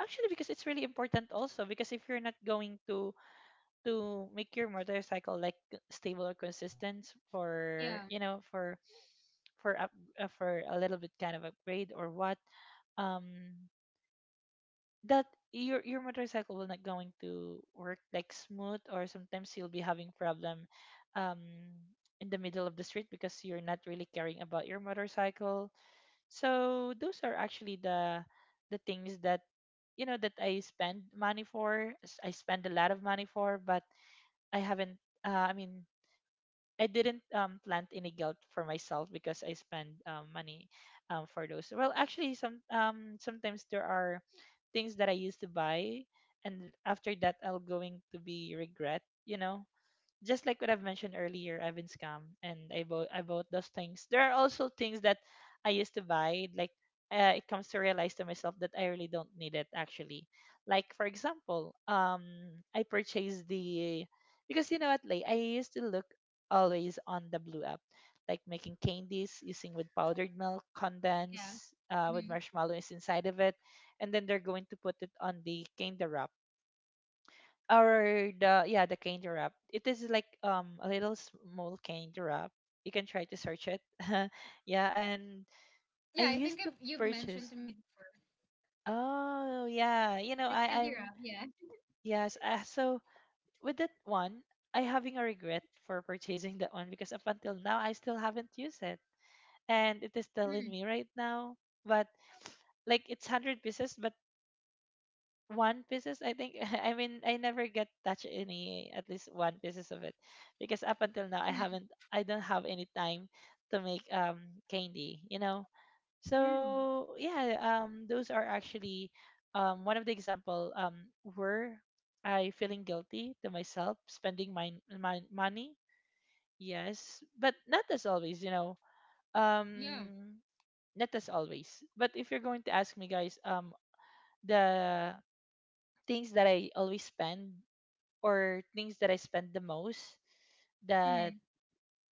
actually because it's really important also because if you're not going to make your motorcycle like stable or consistent for, yeah, you know, for for up, for a little bit kind of upgrade or what um that your motorcycle will not going to work like smooth or sometimes you'll be having problem um in the middle of the street because you're not really caring about your motorcycle. So those are actually the things that you know that I spend money I spend a lot of money for but I haven't. I mean, I didn't plant any guilt for myself because I spend money for those. Well, actually, some sometimes there are things that I used to buy, and after that, I'll going to be regret. You know, just like what I've mentioned earlier, I've been scammed and I bought those things. There are also things that I used to buy. Like it comes to realize to myself that I really don't need it actually. Like for example, I purchased the because you know what, Lay, I used to look always on the blue app, like making candies using with powdered milk, yeah. condense, with Mhm. marshmallows inside of it, and then they're going to put it on the candy wrap or the yeah the candy wrap it is like a little small candy wrap. You can try to search it. [LAUGHS] Yeah and I Yeah, I think used to I've, you've mentioned purchase to me before. oh yeah you know The i candy i'm wrap, yeah. yes so with that one I having a regret for purchasing that one because up until now I still haven't used it and it is still in Mm, me right now but like it's 100 pieces but. One pieces I think. [LAUGHS] I mean I never get touch any at least one pieces of it because up until now I mm, haven't I don't have any time to make candy, you know. mm. So yeah those are actually one of the example were I feeling guilty to myself spending my, my money. Yes but not as always you know. Yeah, um not as always but if you're going to ask me guys the things that I always spend or things that I spend the most that mm,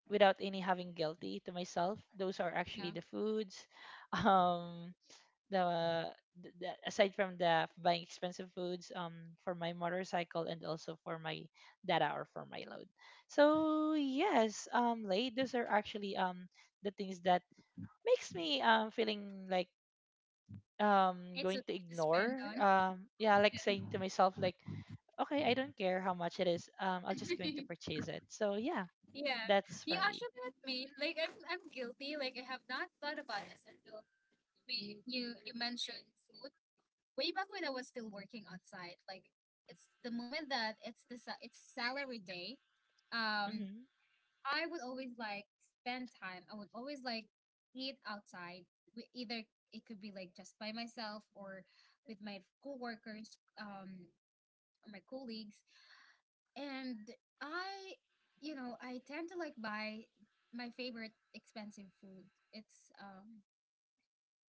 without any having guilty to myself those are yeah. actually the foods. [LAUGHS] um the, the aside from the buying expensive foods for my motorcycle and also for my data or for my load. So yes late those are actually the things that makes me feeling like It's going to okay to spend ignore. on. [LAUGHS] Yeah like saying to myself like okay, I don't care how much it is. I'm just going to Yeah. [LAUGHS] purchase it. So yeah, Yeah. that's for You me. actually with me, like I'm guilty. Like I have not thought about this until we you you mentioned food. Way back when I was still working outside, like it's the moment that it's salary day. Um, Mhm. I would always like spend time. I would always like eat outside with either, it could be like just by myself or with my coworkers, or my colleagues. And I, I tend to like buy my favorite expensive food. It's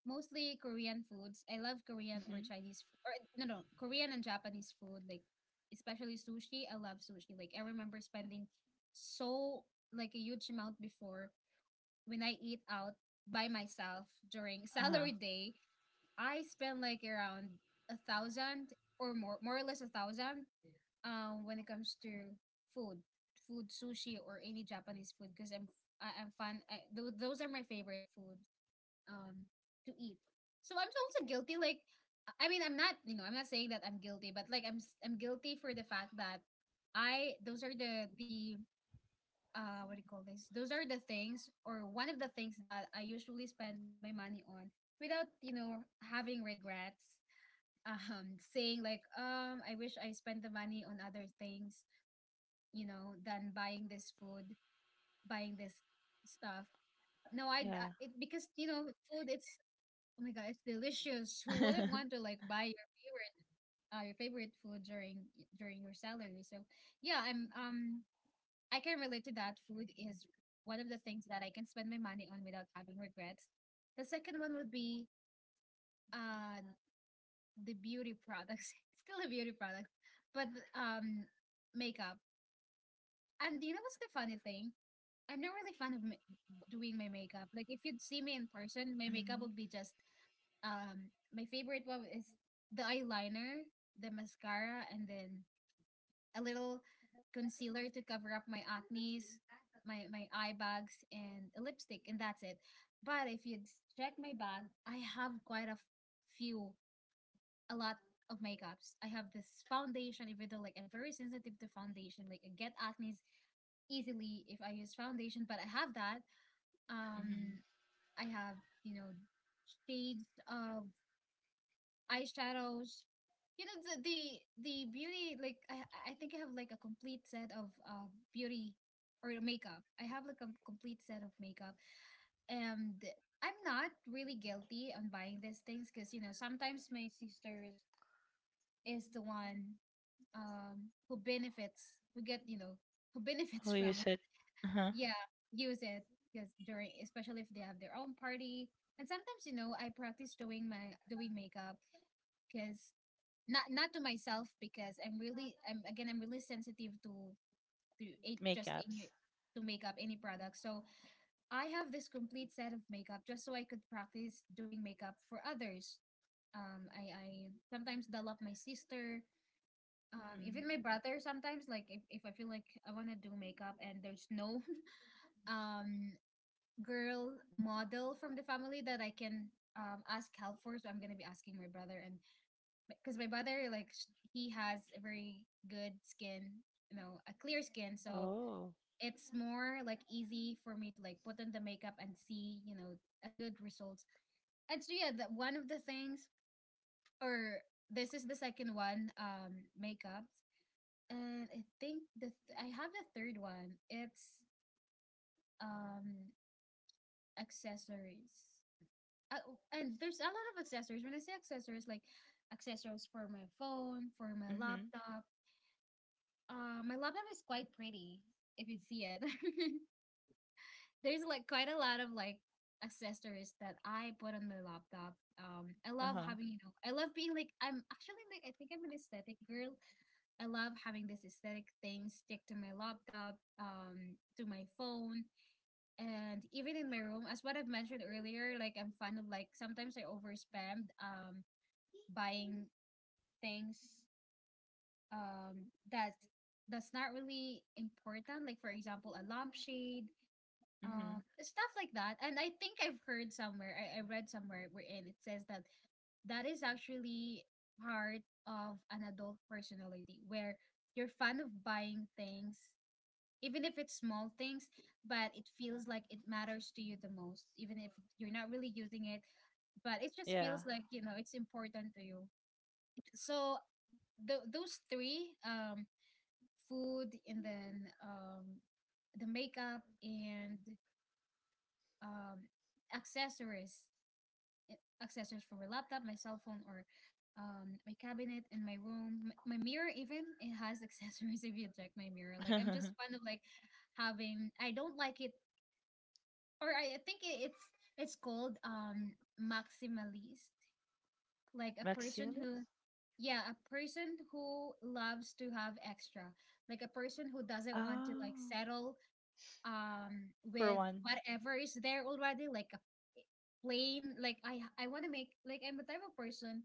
mostly Korean foods. I love Korean or Mhm. Chinese or, no, no, Korean and Japanese food. Like especially sushi. I love sushi. Like I remember spending so like a huge amount before, when I eat out by myself during [LAUGHS] Uh huh. salary day, I spend like around 1,000 or more, more or less 1,000. When it comes to food, sushi, or any Japanese food, because I'm fun. Those are my favorite food. Um, to eat. So I'm also guilty. Like, I mean, I'm not. You know, I'm not saying that I'm guilty, but like I'm guilty for the fact that I those are the, what do you call this, those are the things or one of the things that I usually spend my money on without having regrets, saying like, I wish I spent the money on other things, than buying this food, buying this stuff. No, Yeah. It, because food, it's, oh my god, it's delicious. Who wouldn't want [LAUGHS] to like buy your favorite, your favorite food during your salary? So yeah, I can relate to that. Food is one of the things that I can spend my money on without having Mm. regrets. The second one would be uh the beauty products. [LAUGHS] It's still a beauty product, but makeup. And do you know what's the funny thing? I'm not really fan of doing my makeup. Like if you'd see me in person, my makeup Mhm. would be just, my favorite one is the eyeliner, the mascara, and then a little concealer to cover up my acne's, my eye bags, and a lipstick, and that's it. But if you check my bag, I have quite a few, a lot of makeups. I have this foundation, even though like I'm very sensitive to foundation, like I get acne's easily if I use foundation, but I have that. Um, Mhm. I have, you know, shades of eyeshadows. You know, the beauty, like I think I have like a complete set of beauty or makeup. I have like a complete set of makeup, and I'm not really guilty on buying these things because you know sometimes my sisters is the one who benefits, who get, you know, who [LAUGHS] benefits Oh, you from it. said. Uh huh. Yeah, use it because during, especially if they have their own party, and sometimes you know I practice doing my doing makeup because not, not to myself, because I'm really, I'm, again, I'm really sensitive to a, just any, Makeups. to makeup, any product. So I have this complete set of makeup just so I could practice doing makeup for others. I sometimes develop my sister, Mhm. even my brother sometimes. Like if I feel like I wanna do makeup and there's no [LAUGHS] um girl model from the family that I can ask help for, so I'm gonna be asking my brother, and because my brother, like, he has a very good skin, you know, a clear skin, so Oh. it's more like easy for me to like put on the makeup and see, you know, a good result. And so yeah, that one of the things, or this is the second one, makeup. And I think the I have the third one. It's um accessories. Oh, and there's a lot of accessories when I say accessories, like accessories for my phone, for my Mhm. laptop. My lab lamp is quite pretty if you see it. [LAUGHS] There's like quite a lot of like accessories that I put on my laptop. I Uh love huh. having, you know, I love being like, I'm actually like I think I'm an aesthetic girl. I love having this aesthetic thing stick to my laptop, to my phone, and even in my room. As what I've mentioned earlier, like I'm fond of like sometimes I overspend buying things um that that's not really important, like for example a lampshade, Mhm. stuff like that, and I think I've heard somewhere, I read somewhere wherein it says that that is actually part of an adult personality where you're fond of buying things even if it's small things, but it feels like it matters to you the most even if you're not really using it, but it just Yeah. feels like, you know, it's important to you. So those three, food, and then the makeup, and um, accessories, accessories for my laptop, my cell phone, or my cabinet in my room, my mirror even, it has [LAUGHS] accessories if you check my mirror, like I'm just fond [LAUGHS] of like having, I don't like it, or I think it's called maximalist, like a person Maximilis. who, yeah, a person who loves to have extra, like a person who doesn't want to like Oh, settle for with one. whatever is there already, like a plain, like, I want to make, like I'm the type of person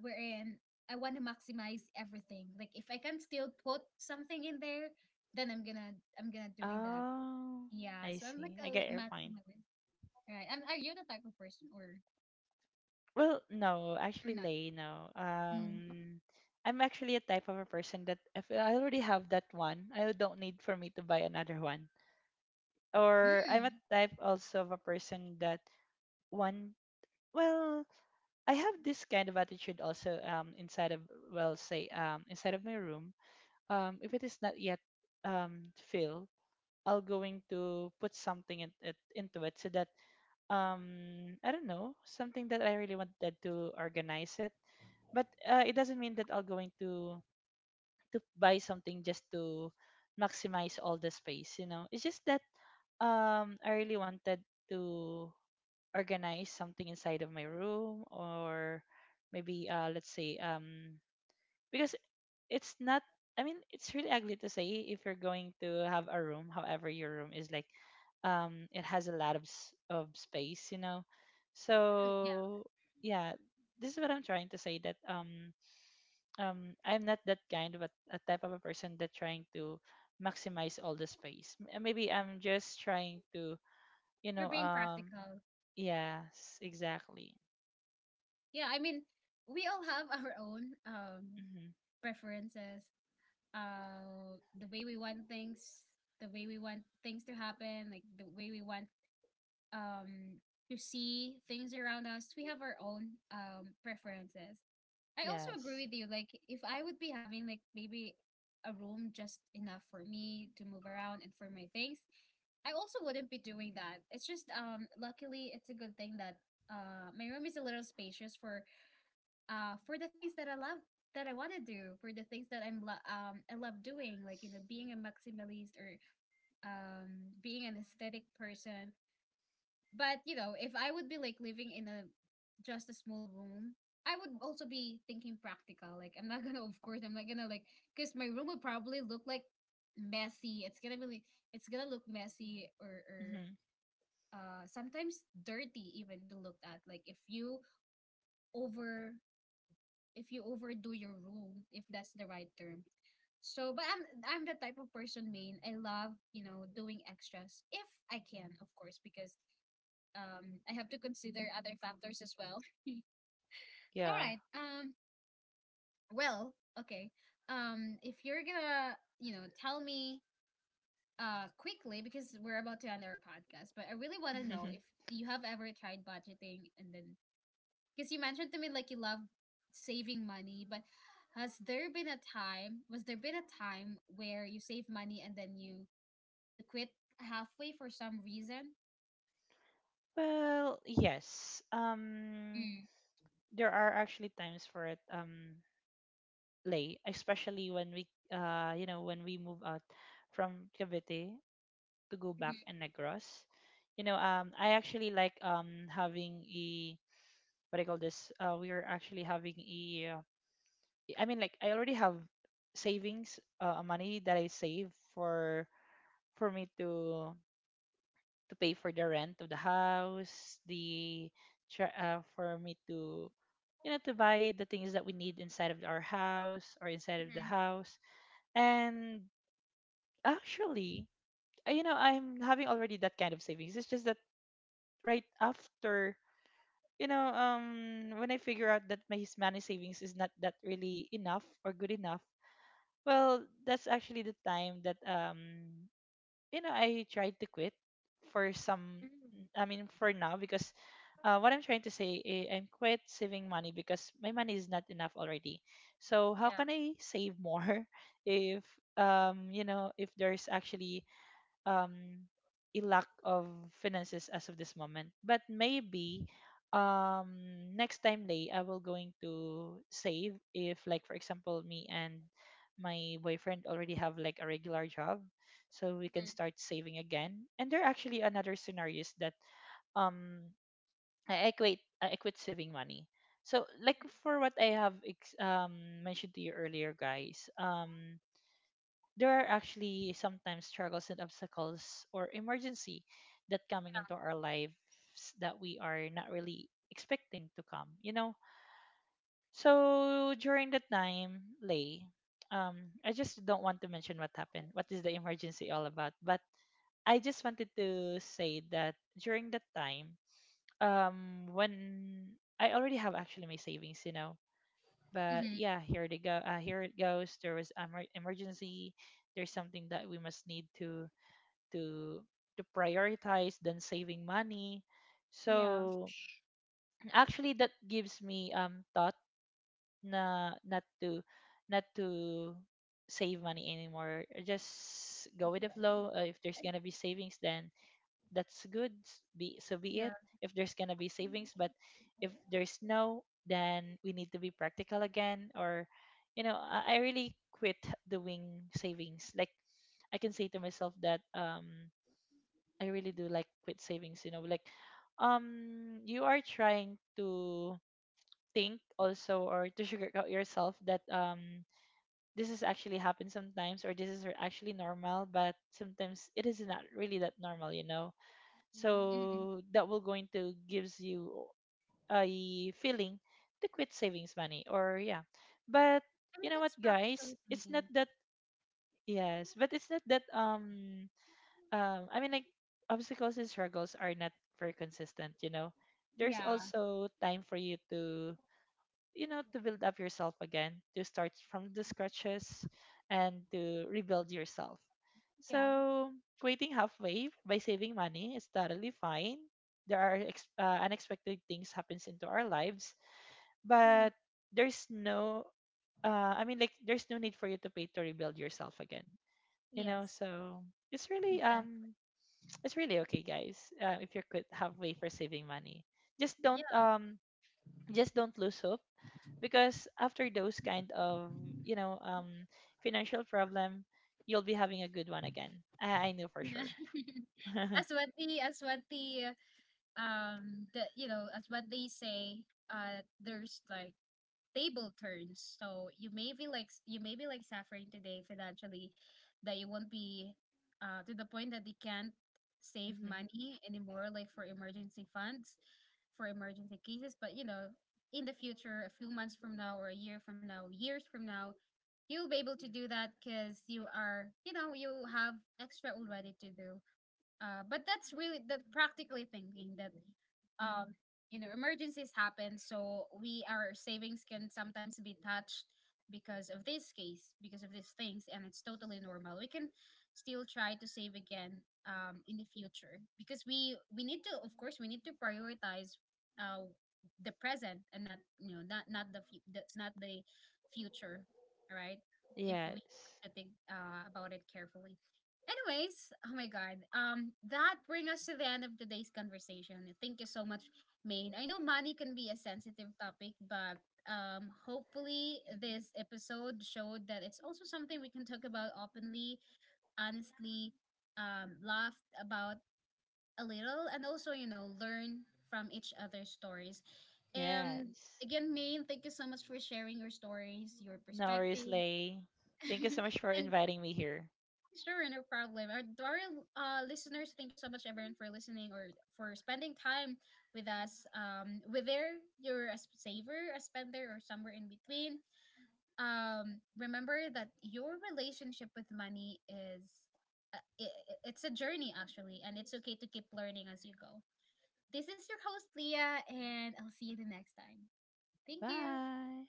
wherein I want to maximize everything, like if I can still put something in there then I'm gonna doing that. Oh, Yeah, I so I'm like see. a I get your point. maximalist, right? And are you the type of person, or Well, no, or not? actually, Lay, no. Mm. I'm actually a type of a person that if I already have that one, I don't need for me to buy another one. Or Mm. I'm a type also of a person that one, well, I have this kind of attitude also inside of, well, say inside of my room. If it is not yet filled, I'll going to put something in it into it so that I don't know, something that I really wanted to organize it, but it doesn't mean that I'll going to buy something just to maximize all the space. You know, it's just that I really wanted to organize something inside of my room, or maybe let's say because it's not, I mean, it's really ugly to say if you're going to have a room, however your room is like, it has a lot of space, you know, Mm, yeah, so yeah, this is what I'm trying to say, that I'm not that kind of a, type of a person that trying to maximize all the space. Maybe I'm just trying to, you you're know, being practical. yes, exactly. Yeah, I mean, we all have our own Hmm. preferences, the way we want things, the way we want things to happen, like the way we want um to see things around us. We have our own preferences. I also Yes. agree with you, like if I would be having like maybe a room just enough for me to move around and for my things, I also wouldn't be doing that. It's just, luckily it's a good thing that my room is a little spacious for, for the things that I love, that I want to do, for the things that I'm I love doing, like, you know, being a maximalist, or being an aesthetic person. But you know, if I would be like living in a just a small room, I would also be thinking practical. Like I'm not gonna, [LAUGHS] of course, I'm not gonna like because my room would probably look like messy. It's gonna be like, it's gonna look messy or Hmm. Sometimes dirty even to look at. Like if you over if you overdo your rule, if that's the right term. So, but I'm the type of person, main. I love doing extras if I can, of course, because I have to consider other factors as well. [LAUGHS] All Yeah. right. Well. Okay. If you're gonna tell me quickly because we're about to end our podcast, but I really want to know if [LAUGHS] you have ever tried budgeting. And then because you mentioned to me like you love saving money, but has there been a time, where you save money and then you quit halfway for some reason? Well, yes. Mm, There are actually times for it, late, especially when we you know, when we move out from Cavite to go back mhm, in Negros. You know, I actually like having a, what I call this? We are actually having a, I mean, like I already have savings, money that I save for for me to pay for the rent of the house, the for me to, you know, to buy the things that we need inside of our house or inside of the mhm, house. And actually, you know, I'm having already that kind of savings. It's just that right after, you know, when I figure out that my money savings is not that really enough or good enough, well, that's actually the time that, you know, I tried to quit for some. mhm. I mean, for now, because what I'm trying to say, I'm quit saving money because my money is not enough already. So how Yeah. can I save more [LAUGHS] if you know, if there's actually um a lack of finances as of this moment, but maybe um next time, Lay, I will going to save if like for example me and my boyfriend already have like a regular job, so we Mhm. can start saving again. And there are actually another scenarios that um I equate quit, I quit saving money. So like, for what I have mentioned to you earlier, guys, there are actually sometimes struggles and obstacles or emergency that coming into our lives, that we are not really expecting to come, you know. So during that time, Lay, um I just don't want to mention what happened, what is the emergency all about, but I just wanted to say that during that time, when I already have actually my savings, you know, but Mm-hmm. yeah, here they go, here it goes, there was emergency, there's something that we must need to to to prioritize than saving money. Yeah. So actually that gives me thought na not to not to save money anymore, just go with the flow. If there's gonna be savings, then that's good. Be, so be it. Yeah. If there's gonna be savings, but if there's no, then we need to be practical again. Or, you know, I really quit doing savings. Like, I can say to myself that I really do like quit savings. You know, like you are trying to think also, or to sugarcoat yourself that this is actually happen sometimes or this is actually normal, but sometimes it is not really that normal, you know. Hmm. So that will going to gives you a feeling to quit savings money, or yeah, but I you mean, know what, that's guys, practically it's not thinking. that, yes, but it's not that I mean, like, obstacles and struggles are not very consistent, you know. There's Yeah. also time for you to, you know, to build up yourself again, to start from the scratches and to rebuild yourself. Yeah. So quitting halfway by saving money is totally fine. There are unexpected things happens into our lives, Yeah. but there's no I mean, like, there's no need for you to pay to rebuild yourself again, you know. Yes. So it's really Exactly. [TSK] It's really okay, guys, if you could halfway for saving money, just don't Yeah. um just don't lose hope, because after those kind of, you know, financial problem, you'll be having a good one again. I know for Yeah. sure. [LAUGHS] [LAUGHS] As what the as what they say, there's like table turns. So you may be like you may be like suffering today financially, that you won't be to the point that you can't save Mhm. money anymore, like for emergency funds, for emergency cases. But you know, in the future, a few months from now, or a year from now, years from now, you'll be able to do that because you are, you have extra already to do. But that's really the practically thinking that, um you know, emergencies happen, so we, our savings can sometimes be touched because of this case, because of these things, and it's totally normal. We can still try to save again in the future, because we need to, of course we need to prioritize uh the present and not, not not the, the not the future, right? If we Yes. have to think, about it carefully. Anyways, oh my god. That brings us to the end of today's conversation. Thank you so much, Maine. I know money can be a sensitive topic, but hopefully this episode showed that it's also something we can talk about openly, honestly, laughed about a little, and also learn from each other's stories. And Yes. again, Maine, thank you so much for sharing your stories, your No worries, perspectives, Lay. Thank you so much for [LAUGHS] and inviting me here. sure, no problem. To our listeners, thank you so much, everyone, for listening or for spending time with us. Whether you're a saver, a spender, or somewhere in between, remember that your relationship with money is, uh, it, it's a journey actually, and it's okay to keep learning as you go. This is your host Leah, and I'll see you the next time. Thank you. Bye.